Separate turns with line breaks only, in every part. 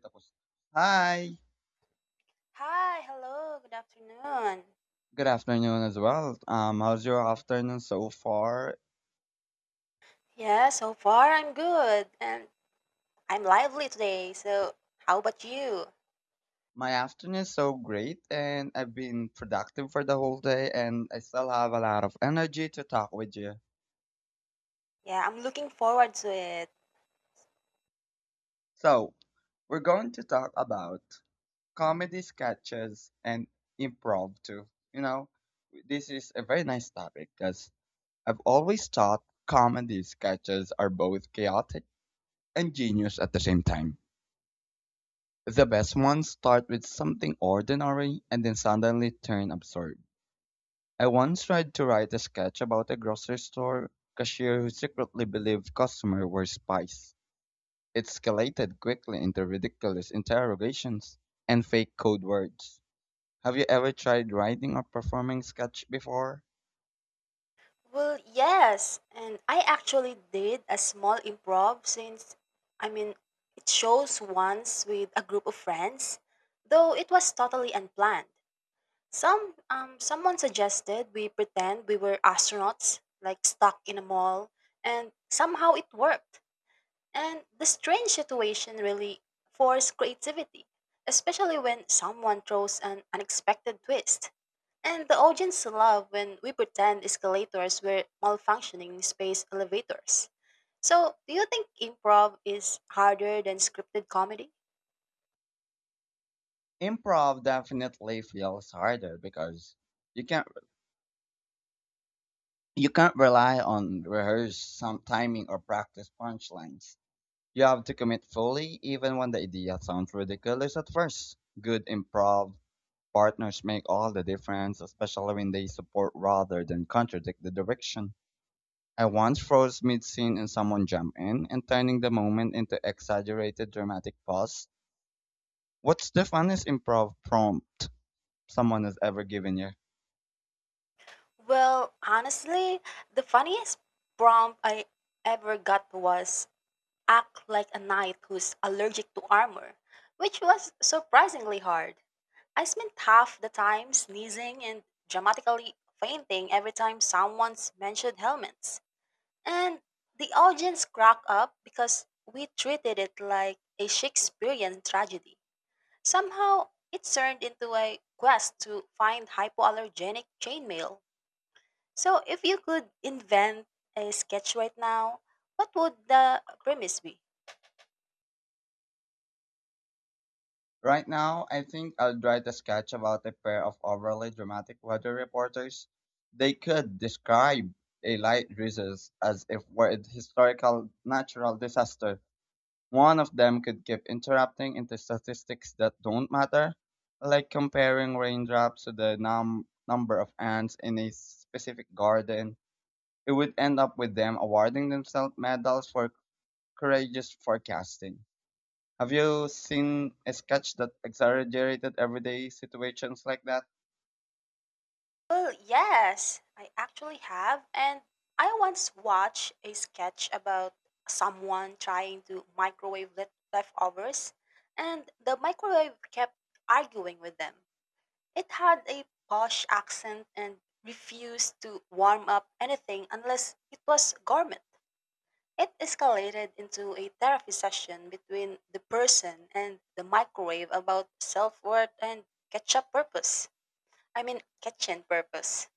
Tapos. Hi.
Hi, hello, good afternoon.
Good afternoon as well. How's your afternoon so far?
Yeah, so far I'm good and I'm lively today. So, how about you?
My afternoon is so great, and I've been productive for the whole day, and I still have a lot of energy to talk with you.
Yeah, I'm looking forward to it.
So, we're going to talk about comedy sketches and improv too. You know, this is a very nice topic because I've always thought comedy sketches are both chaotic and genius at the same time. The best ones start with something ordinary and then suddenly turn absurd. I once tried to write a sketch about a grocery store cashier who secretly believed customers were spies. It escalated quickly into ridiculous interrogations and fake code words. Have you ever tried writing or performing sketch before?
Well, yes, and I actually did a small improv since I mean, it shows once with a group of friends, though it was totally unplanned. Someone suggested we pretend we were astronauts like stuck in a mall and somehow it worked. And the strange situation really forced creativity, especially when someone throws an unexpected twist. And the audience love when we pretend escalators were malfunctioning in space elevators. So, do you think improv is harder than scripted comedy?
Improv definitely feels harder because you can't you can't rely on rehearsed some timing or practice punchlines. You have to commit fully, even when the idea sounds ridiculous at first. Good improv partners make all the difference, especially when they support rather than contradict the direction. I once froze mid scene and someone jumped in and turning the moment into exaggerated dramatic pause. What's the funniest improv prompt someone has ever given you?
Well, honestly, the funniest prompt I ever got was act like a knight who's allergic to armor, which was surprisingly hard. I spent half the time sneezing and dramatically fainting every time someone's mentioned helmets. And the audience cracked up because we treated it like a Shakespearean tragedy. Somehow, it turned into a quest to find hypoallergenic chainmail. So, if you could invent a sketch right now, what would the premise be?
Right now, I think I'll write a sketch about a pair of overly dramatic weather reporters. They could describe a light drizzles as if were a historical natural disaster. One of them could keep interrupting into statistics that don't matter, like comparing raindrops to the number of ants in a specific garden. It would end up with them awarding themselves medals for courageous forecasting. Have you seen a sketch that exaggerated everyday situations like that?
Well, yes, I actually have. And I once watched a sketch about someone trying to microwave leftovers, and the microwave kept arguing with them. It had a posh accent and refused to warm up anything unless it was gourmet. It escalated into a therapy session between the person and the microwave about self worth and ketchup purpose. I mean, kitchen purpose.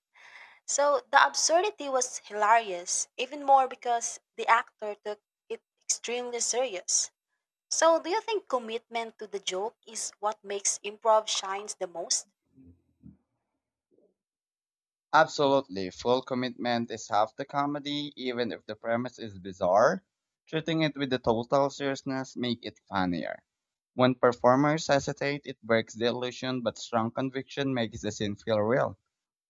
So the absurdity was hilarious, even more because the actor took it extremely serious. So do you think commitment to the joke is what makes improv shines the most?
Absolutely. Full commitment is half the comedy, even if the premise is bizarre. Treating it with the total seriousness make it funnier. When performers hesitate, it breaks the illusion, but strong conviction makes the scene feel real.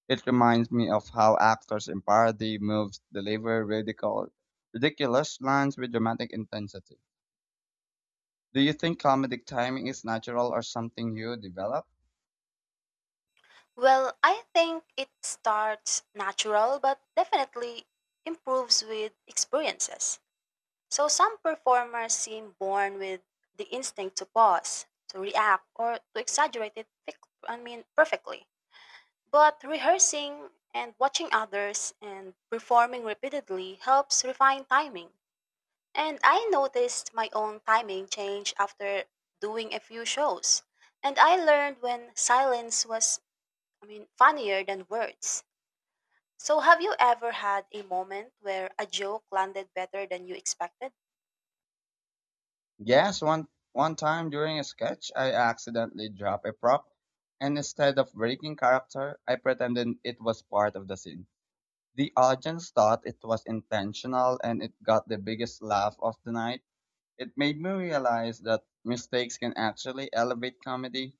It reminds me of how actors in parody moves deliver radical, ridiculous lines with dramatic intensity. Do you think comedic timing is natural or something you develop?
Well, I think it starts natural but definitely improves with experiences. So some performers seem born with the instinct to pause, to react or to exaggerate I mean perfectly. But rehearsing and watching others and performing repeatedly helps refine timing. And I noticed my own timing change after doing a few shows. And I learned when silence was, I mean, funnier than words. So, have you ever had a moment where a joke landed better than you expected?
Yes, one time during a sketch, I accidentally dropped a prop, and instead of breaking character, I pretended it was part of the scene. The audience thought it was intentional, and it got the biggest laugh of the night. It made me realize that mistakes can actually elevate comedy.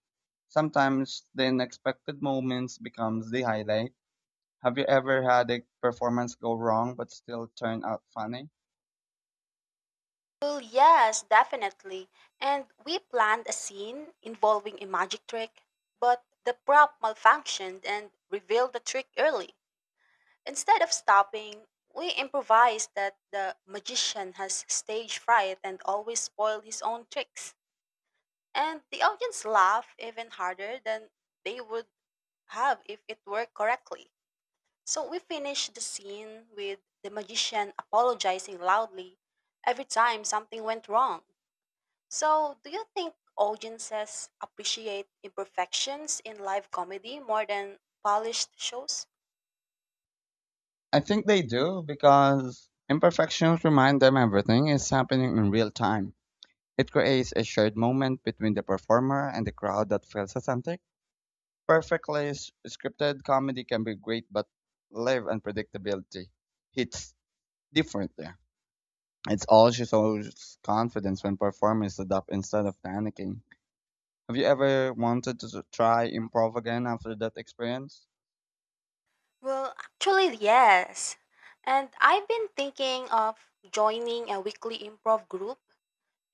Sometimes the unexpected moments becomes the highlight. Have you ever had a performance go wrong but still turn out funny?
Well, yes, definitely. And we planned a scene involving a magic trick, but the prop malfunctioned and revealed the trick early. Instead of stopping, we improvised that the magician has stage fright and always spoiled his own tricks. And the audience laughed even harder than they would have if it worked correctly. So we finished the scene with the magician apologizing loudly every time something went wrong. So, do you think audiences appreciate imperfections in live comedy more than polished shows?
I think they do because imperfections remind them everything is happening in real time. It creates a shared moment between the performer and the crowd that feels authentic. Perfectly scripted comedy can be great, but live unpredictability hits differently. It's all she shows confidence when performers adapt instead of panicking. Have you ever wanted to try improv again after that experience?
Well, actually, yes. And I've been thinking of joining a weekly improv group.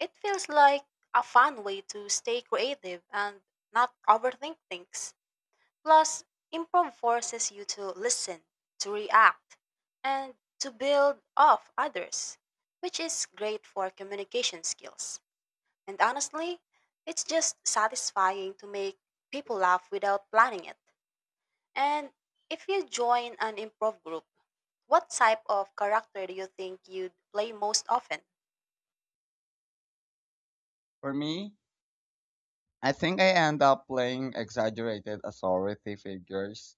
It feels like a fun way to stay creative and not overthink things. Plus, improv forces you to listen, to react, and to build off others, which is great for communication skills. And honestly, it's just satisfying to make people laugh without planning it. And if you join an improv group, what type of character do you think you'd play most often?
For me, I think I end up playing exaggerated authority figures,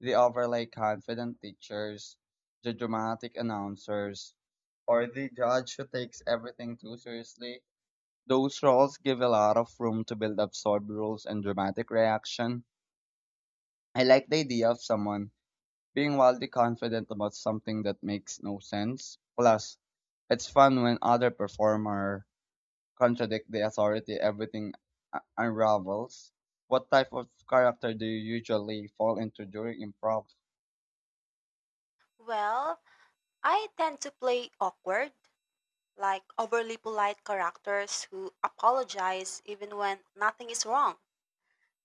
the overly confident teachers, the dramatic announcers, or the judge who takes everything too seriously. Those roles give a lot of room to build absurd rules and dramatic reaction. I like the idea of someone being wildly confident about something that makes no sense. Plus, it's fun when other performer contradict the authority, everything unravels. What type of character do you usually fall into during improv?
Well, I tend to play awkward, like overly polite characters who apologize even when nothing is wrong.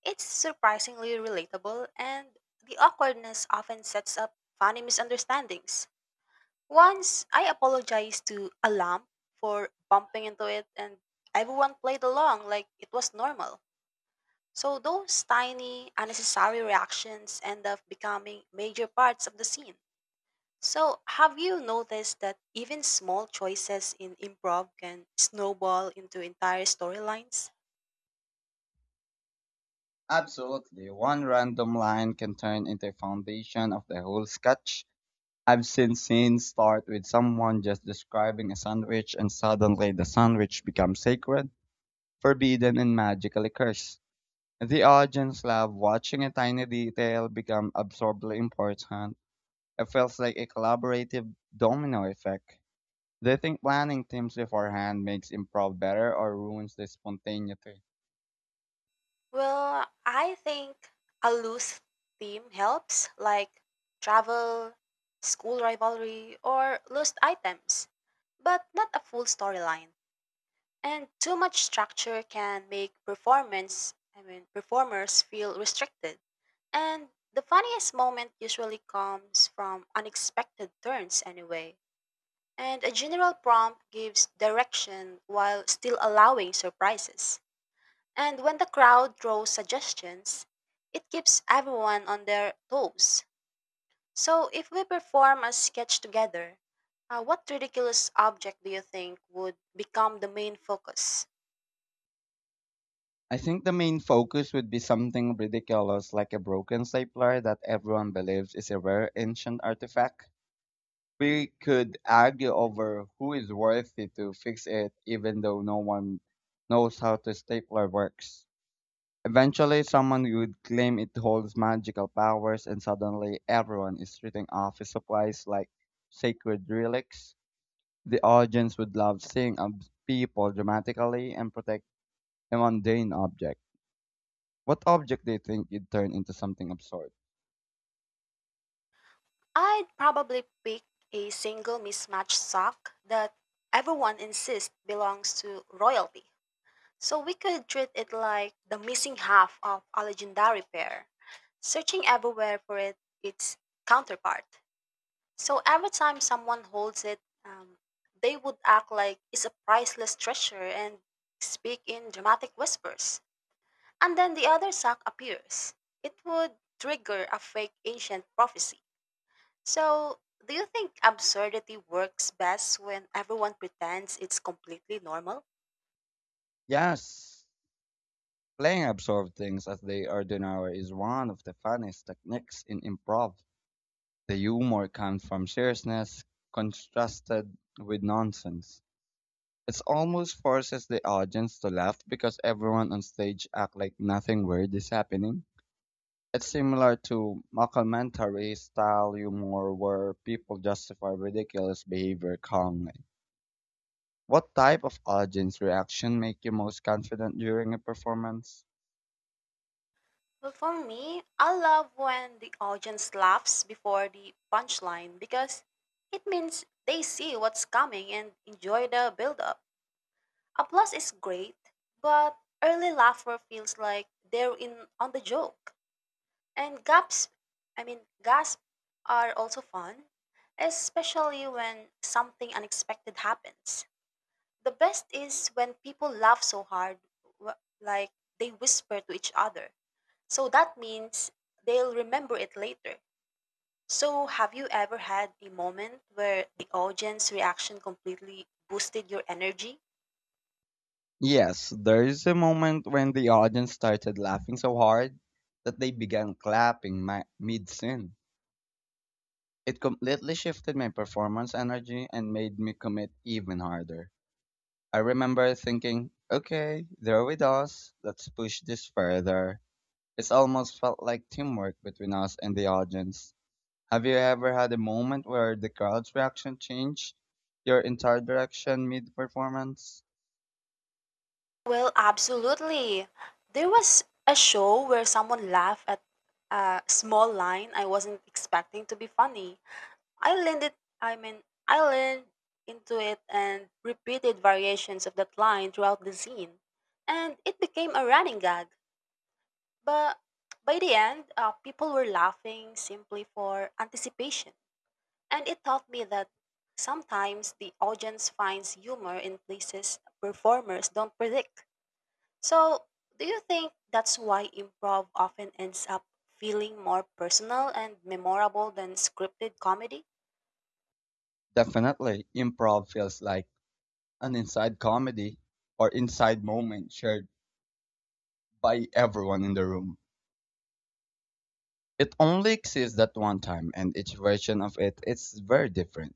It's surprisingly relatable, and the awkwardness often sets up funny misunderstandings. Once I apologized to a lamp for bumping into it, and everyone played along like it was normal. So those tiny, unnecessary reactions end up becoming major parts of the scene. So have you noticed that even small choices in improv can snowball into entire storylines?
Absolutely. One random line can turn into a foundation of the whole sketch. I've seen scenes start with someone just describing a sandwich, and suddenly the sandwich becomes sacred, forbidden, and magically cursed. The audience love watching a tiny detail become absurdly important. It feels like a collaborative domino effect. Do you think planning teams beforehand makes improv better or ruins the spontaneity?
Well, I think a loose theme helps, like travel, school rivalry, or lost items, but not a full storyline. And too much structure can make performance, I mean, performers feel restricted. And the funniest moment usually comes from unexpected turns, anyway. And a general prompt gives direction while still allowing surprises. And when the crowd throws suggestions, it keeps everyone on their toes. So if we perform a sketch together, what ridiculous object do you think would become the main focus?
I think the main focus would be something ridiculous like a broken stapler that everyone believes is a rare ancient artifact. We could argue over who is worthy to fix it even though no one knows how the stapler works. Eventually, someone would claim it holds magical powers, and suddenly everyone is treating office supplies like sacred relics. The audience would love seeing people dramatically and protect a mundane object. What object do you think you'd turn into something absurd?
I'd probably pick a single mismatched sock that everyone insists belongs to royalty. So we could treat it like the missing half of a legendary pair, searching everywhere for it, its counterpart. So every time someone holds it, um, they would act like it's a priceless treasure and speak in dramatic whispers. And then the other sock appears. It would trigger a fake ancient prophecy. So, do you think absurdity works best when everyone pretends it's completely normal?
Yes, playing absurd things as they are done now is one of the funniest techniques in improv. The humor comes from seriousness contrasted with nonsense. It almost forces the audience to laugh because everyone on stage act like nothing weird is happening. It's similar to mockumentary style humor where people justify ridiculous behavior calmly. What type of audience reaction make you most confident during a performance?
Well, for me, I love when the audience laughs before the punchline because it means they see what's coming and enjoy the build-up. Applause is great, but early laughter feels like they're in on the joke. And gaps, I mean, gasps are also fun, especially when something unexpected happens. The best is when people laugh so hard, like they whisper to each other. So that means they'll remember it later. So, have you ever had a moment where the audience reaction completely boosted your energy?
Yes, there is a moment when the audience started laughing so hard that they began clapping my, mid-scene. It completely shifted my performance energy and made me commit even harder. I remember thinking, okay, they're with us, let's push this further. It's almost felt like teamwork between us and the audience. Have you ever had a moment where the crowd's reaction changed your entire direction mid performance?
Well, absolutely. There was a show where someone laughed at a small line I wasn't expecting to be funny. I leaned it I mean I leaned into it and repeated variations of that line throughout the scene. And it became a running gag. But by the end, people were laughing simply for anticipation. And it taught me that sometimes the audience finds humor in places performers don't predict. So, do you think that's why improv often ends up feeling more personal and memorable than scripted comedy?
Definitely, improv feels like an inside comedy or inside moment shared by everyone in the room. It only exists that one time, and each version of it is very different.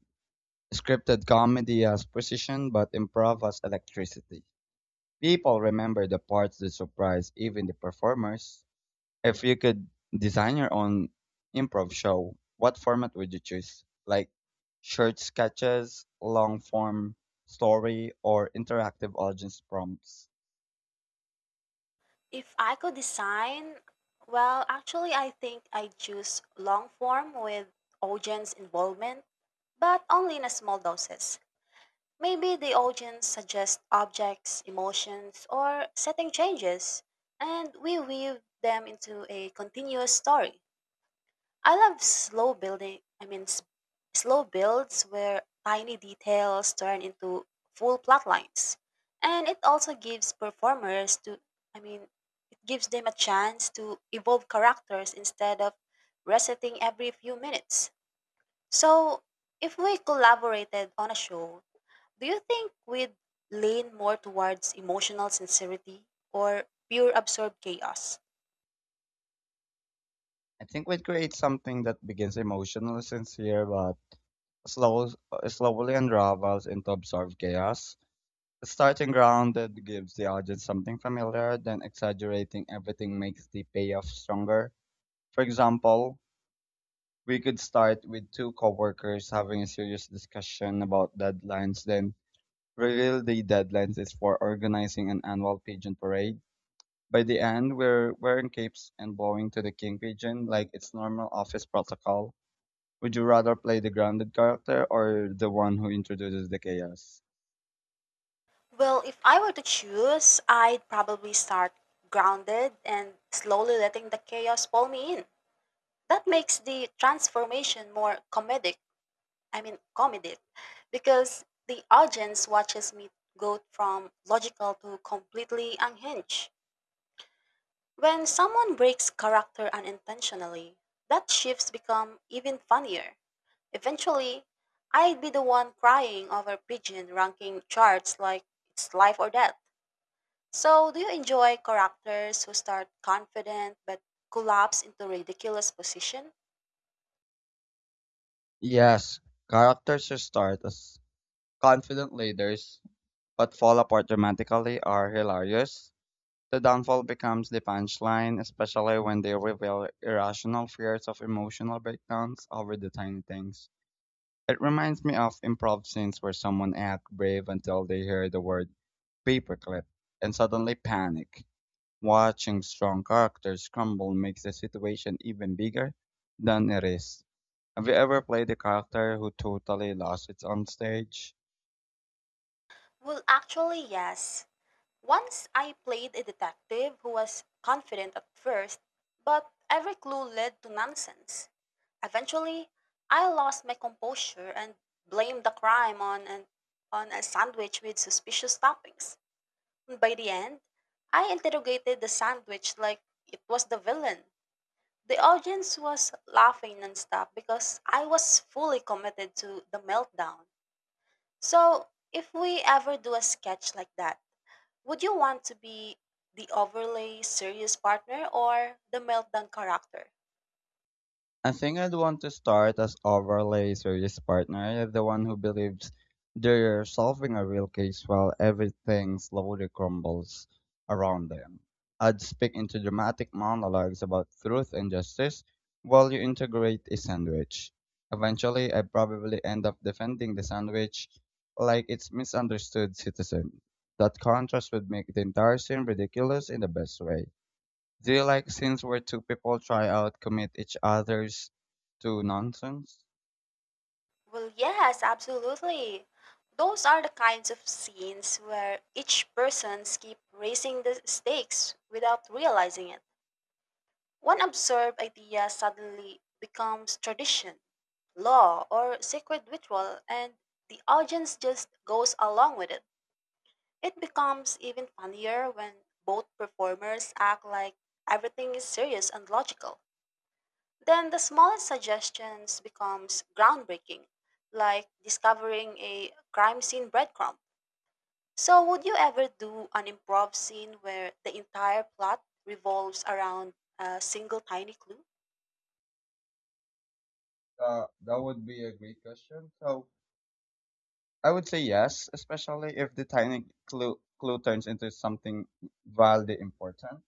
Scripted comedy has precision, but improv has electricity. People remember the parts that surprise even the performers. If you could design your own improv show, what format would you choose? Like short sketches, long form story, or interactive audience prompts?
If I could design, well, actually, I think I'd choose long form with audience involvement, but only in a small doses. Maybe the audience suggests objects, emotions, or setting changes, and we weave them into a continuous story. I love slow building, I mean, s- slow builds where tiny details turn into full plot lines. And it also gives performers to, I mean, gives them a chance to evolve characters instead of resetting every few minutes. So, if we collaborated on a show, do you think we'd lean more towards emotional sincerity or pure absurd chaos?
I think we'd create something that begins emotionally sincere but slow, slowly unravels into absurd chaos. Starting grounded gives the audience something familiar, then exaggerating everything makes the payoff stronger. For example, we could start with two coworkers having a serious discussion about deadlines, then reveal the deadlines is for organizing an annual pigeon parade. By the end, we're wearing capes and blowing to the king pigeon like it's normal office protocol. Would you rather play the grounded character or the one who introduces the chaos?
Well, if I were to choose, I'd probably start grounded and slowly letting the chaos pull me in. That makes the transformation more comedic I mean comedic because the audience watches me go from logical to completely unhinged. When someone breaks character unintentionally, that shifts become even funnier. Eventually, I'd be the one crying over pigeon ranking charts like it's life or death. So, do you enjoy characters who start confident but collapse into ridiculous position?
Yes, characters who start as confident leaders but fall apart dramatically are hilarious. The downfall becomes the punchline, especially when they reveal irrational fears of emotional breakdowns over the tiny things. It reminds me of improv scenes where someone acts brave until they hear the word paperclip and suddenly panic. Watching strong characters crumble makes the situation even bigger than it is. Have you ever played a character who totally lost it on stage?
Well, actually, yes. Once I played a detective who was confident at first, but every clue led to nonsense. Eventually, I lost my composure and blamed the crime on a sandwich with suspicious toppings. By the end, I interrogated the sandwich like it was the villain. The audience was laughing nonstop because I was fully committed to the meltdown. So, if we ever do a sketch like that, would you want to be the overly serious partner or the meltdown character?
I think I'd want to start as overlay serious partner, the one who believes they're solving a real case while everything slowly crumbles around them. I'd speak into dramatic monologues about truth and justice while you integrate a sandwich. Eventually, I probably end up defending the sandwich like it's misunderstood citizen. That contrast would make the entire scene ridiculous in the best way. Do you like scenes where two people try out commit each other's to nonsense?
Well, yes, absolutely. Those are the kinds of scenes where each person keeps raising the stakes without realizing it. One absurd idea suddenly becomes tradition, law, or sacred ritual, and the audience just goes along with it. It becomes even funnier when both performers act like everything is serious and logical. Then the smallest suggestions becomes groundbreaking, like discovering a crime scene breadcrumb. So would you ever do an improv scene where the entire plot revolves around a single tiny clue?
That would be a great question. So I would say yes, especially if the tiny clue turns into something wildly important.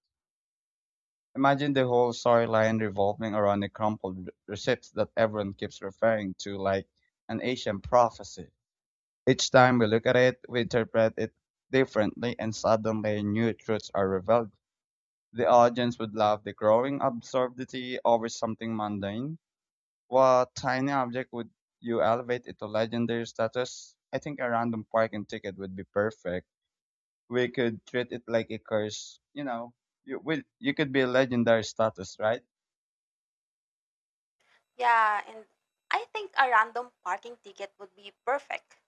Imagine the whole storyline revolving around the crumpled receipts that everyone keeps referring to, like an ancient prophecy. Each time we look at it, we interpret it differently, and suddenly new truths are revealed. The audience would love the growing absurdity over something mundane. What tiny object would you elevate it to legendary status? I think a random parking ticket would be perfect. We could treat it like a curse. You know, you could be legendary status, right?
Yeah, and I think a random parking ticket would be perfect.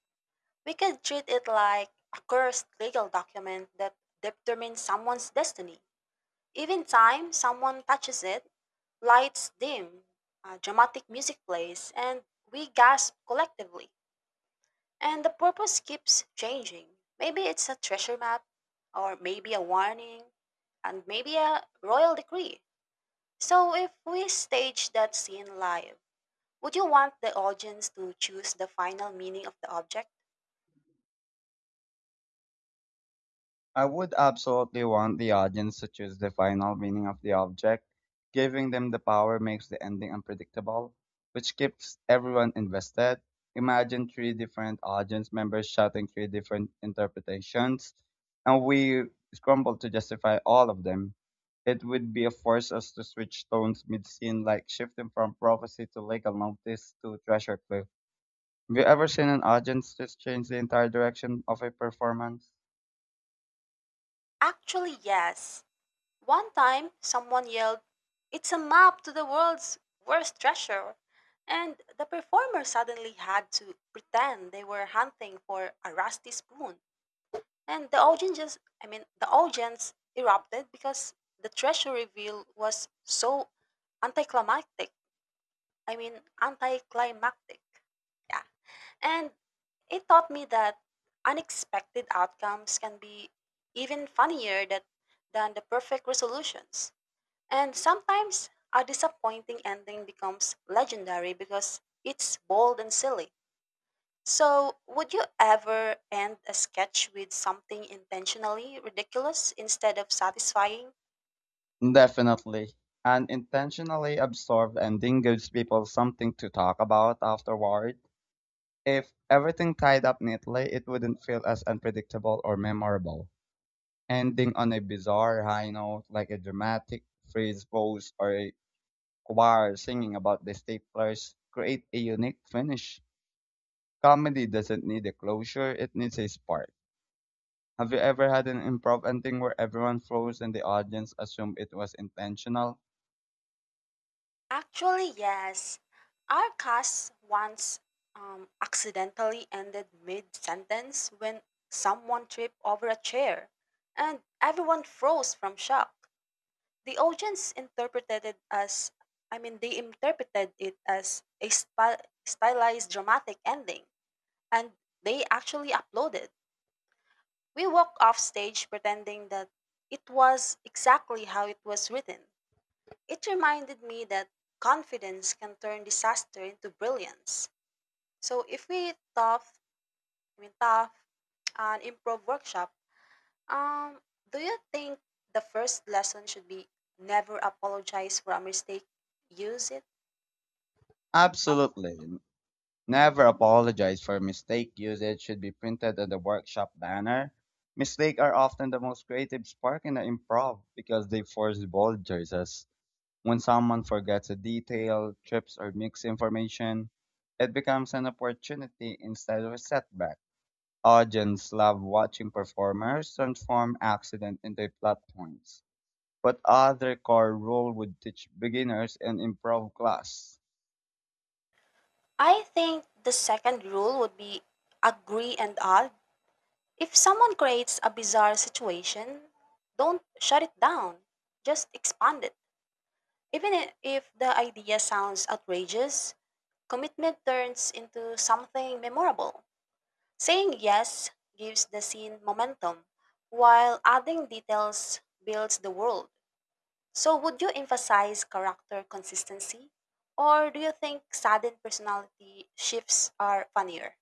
We could treat it like a cursed legal document that determines someone's destiny. Even time someone touches it, lights dim, dramatic music plays, and we gasp collectively. And the purpose keeps changing. Maybe it's a treasure map, or maybe a warning, and maybe a royal decree. So, if we stage that scene live, would you want the audience to choose the final meaning of the object?
I would absolutely want the audience to choose the final meaning of the object. Giving them the power makes the ending unpredictable, which keeps everyone invested. Imagine three different audience members shouting three different interpretations, and we scramble to justify all of them. It would be a force us to switch tones mid scene, like shifting from prophecy to legal notice to treasure clue. Have you ever seen an audience just change the entire direction of a performance?
Actually, yes. One time, someone yelled, "It's a map to the world's worst treasure." And the performer suddenly had to pretend they were hunting for a rusty spoon. And the audience just, I mean, the audience erupted because the treasure reveal was so anticlimactic. I mean, anticlimactic. Yeah. And it taught me that unexpected outcomes can be even funnier than the perfect resolutions. And sometimes a disappointing ending becomes legendary because it's bold and silly. So, would you ever end a sketch with something intentionally ridiculous instead of satisfying?
Definitely. An intentionally absorbed ending gives people something to talk about afterward. If everything tied up neatly, it wouldn't feel as unpredictable or memorable. Ending on a bizarre high note, like a dramatic freeze pose or a choir singing about the staplers, create a unique finish. Comedy doesn't need a closure, it needs a spark. Have you ever had an improv ending where everyone froze and the audience assumed it was intentional?
Actually, yes. Our cast once accidentally ended mid sentence when someone tripped over a chair and everyone froze from shock. The audience interpreted it as I mean they interpreted it as a stylized dramatic ending and they actually uploaded. We walked off stage pretending that it was exactly how it was written. It reminded me that confidence can turn disaster into brilliance. So if we tough, I mean tough an improv workshop, um, do you think the first lesson should be never apologize for a mistake? Use it.
Absolutely. Never apologize for mistake usage should be printed on the workshop banner. Mistakes are often the most creative spark in the improv because they force bold choices. When someone forgets a detail, trips, or misinformation, it becomes an opportunity instead of a setback. Audience love watching performers transform accident into plot points. What other core rule would teach beginners in improv class?
I think the second rule would be agree and odd. If someone creates a bizarre situation, don't shut it down, just expand it. Even if the idea sounds outrageous, commitment turns into something memorable. Saying yes gives the scene momentum, while adding details builds the world. So, would you emphasize character consistency? Or do you think sudden personality shifts are funnier?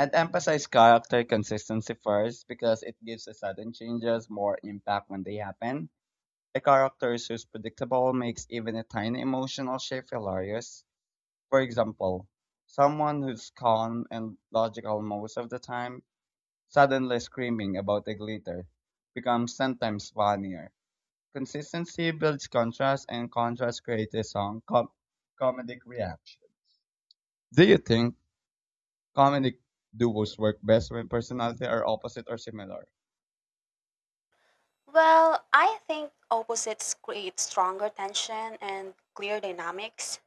I'd emphasize character consistency first because it gives the sudden changes more impact when they happen. A character who's predictable makes even a tiny emotional shift hilarious. For example, someone who's calm and logical most of the time, suddenly screaming about the glitter, becomes sometimes funnier. Consistency builds contrast, and contrast creates a strong comedic reaction. Do you think comedic duos work best when personality are opposite or similar?
Well, I think opposites create stronger tension and clear dynamics.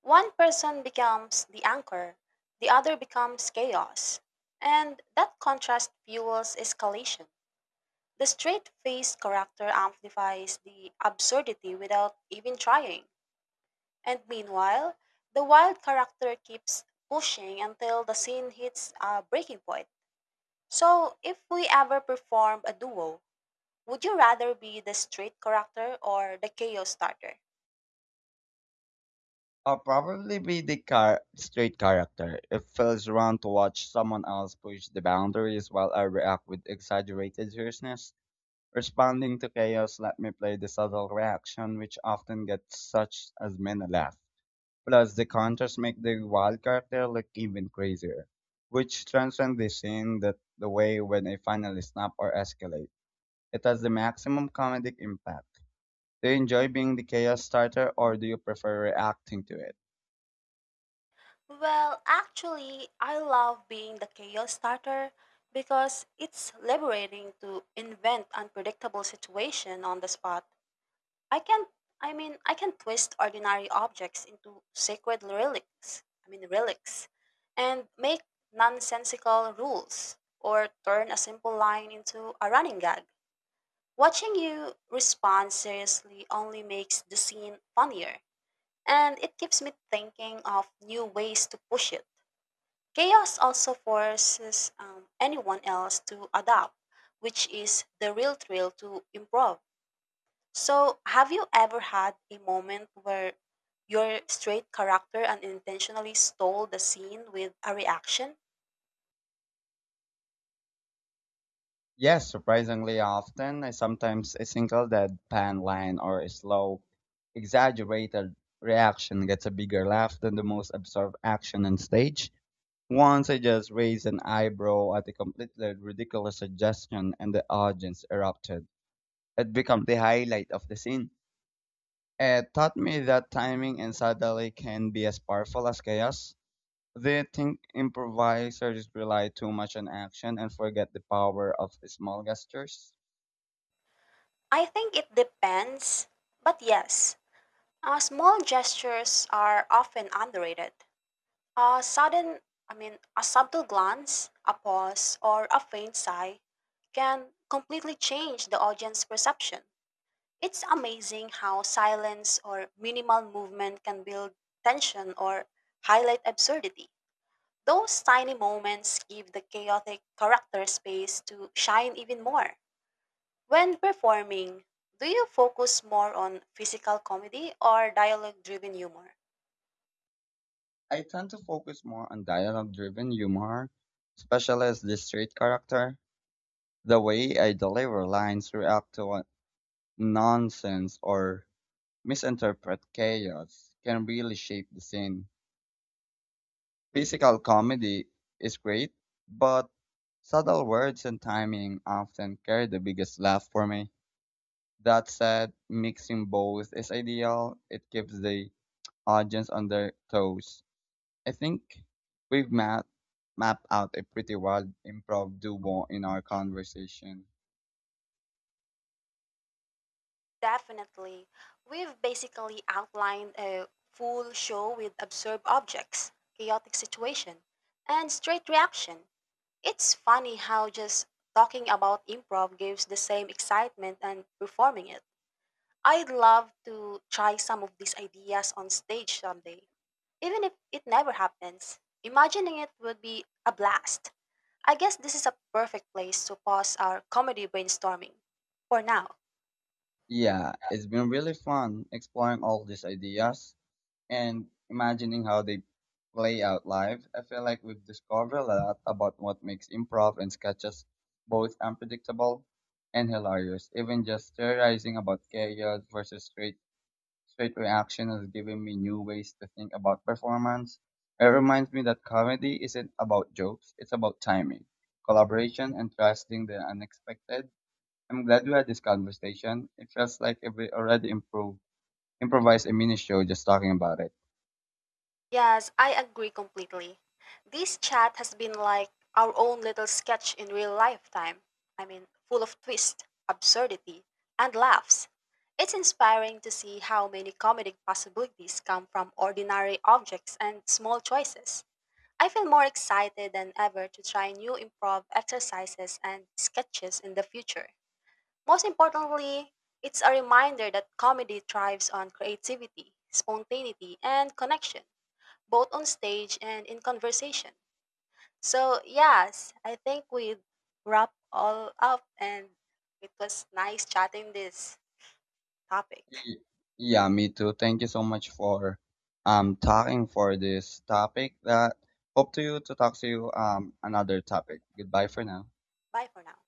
One person becomes the anchor, the other becomes chaos. And that contrast fuels escalation. The straight faced character amplifies the absurdity without even trying. And meanwhile, the wild character keeps pushing until the scene hits a breaking point. So, if we ever perform a duo, would you rather be the straight character or the chaos starter?
I'll probably be the straight character. It feels wrong to watch someone else push the boundaries while I react with exaggerated seriousness. Responding to chaos let me play the subtle reaction, which often gets such as many laugh. Plus, the contrast make the wild character look even crazier, which transcends the scene that the way when I finally snap or escalate. It has the maximum comedic impact. Do you enjoy being the chaos starter or do you prefer reacting to it?
Well, actually, I love being the chaos starter because it's liberating to invent unpredictable situation on the spot. I can I can twist ordinary objects into sacred relics and make nonsensical rules or turn a simple line into a running gag. Watching you respond seriously only makes the scene funnier. And it keeps me thinking of new ways to push it. Chaos also forces anyone else to adapt, which is the real thrill to improv. So, have you ever had a moment where your straight character unintentionally stole the scene with a reaction?
Yes, surprisingly often, I sometimes a single deadpan line or a slow, exaggerated reaction gets a bigger laugh than the most absurd action on stage. Once I just raised an eyebrow at a completely ridiculous suggestion and the audience erupted. It became the highlight of the scene. It taught me that timing and subtlety can be as powerful as chaos. They think improvisers rely too much on action and forget the power of small gestures.
I think it depends, but yes, small gestures are often underrated. A sudden, I mean, a subtle glance, a pause, or a faint sigh can completely change the audience perception. It's amazing how silence or minimal movement can build tension or highlight absurdity. Those tiny moments give the chaotic character space to shine even more. When performing, do you focus more on physical comedy or dialogue driven humor?
I tend to focus more on dialogue driven humor, especially as the straight character. The way I deliver lines, react to nonsense, or misinterpret chaos can really shape the scene. Physical comedy is great, but subtle words and timing often carry the biggest laugh for me. That said, mixing both is ideal. It keeps the audience on their toes. I think we've mapped out a pretty wild improv duo in our conversation.
Definitely. We've basically outlined a full show with absurd objects, chaotic situation, and straight reaction. It's funny how just talking about improv gives the same excitement and performing it. I'd love to try some of these ideas on stage someday, even if it never happens. Imagining it would be a blast. I guess this is a perfect place to pause our comedy brainstorming for now.
Yeah, it's been really fun exploring all these ideas and imagining how they play out live. I feel like we've discovered a lot about what makes improv and sketches both unpredictable and hilarious. Even just theorizing about chaos versus Straight reaction has given me new ways to think about performance. It reminds me that comedy isn't about jokes, it's about timing, collaboration, and trusting the unexpected. I'm glad we had this conversation. It feels like if we already improvised a mini show just talking about it.
Yes, I agree completely. This chat has been like our own little sketch in real lifetime. I mean, full of twist, absurdity, and laughs. It's inspiring to see how many comedic possibilities come from ordinary objects and small choices. I feel more excited than ever to try new improv exercises and sketches in the future. Most importantly, it's a reminder that comedy thrives on creativity, spontaneity, and connection. Both on stage and in conversation. So, yes, I think we wrap all up and it was nice chatting this topic.
Y- Yeah, me too. Thank you so much for talking for this topic that hope to you to talk to you another topic. Goodbye for now.
Bye for now.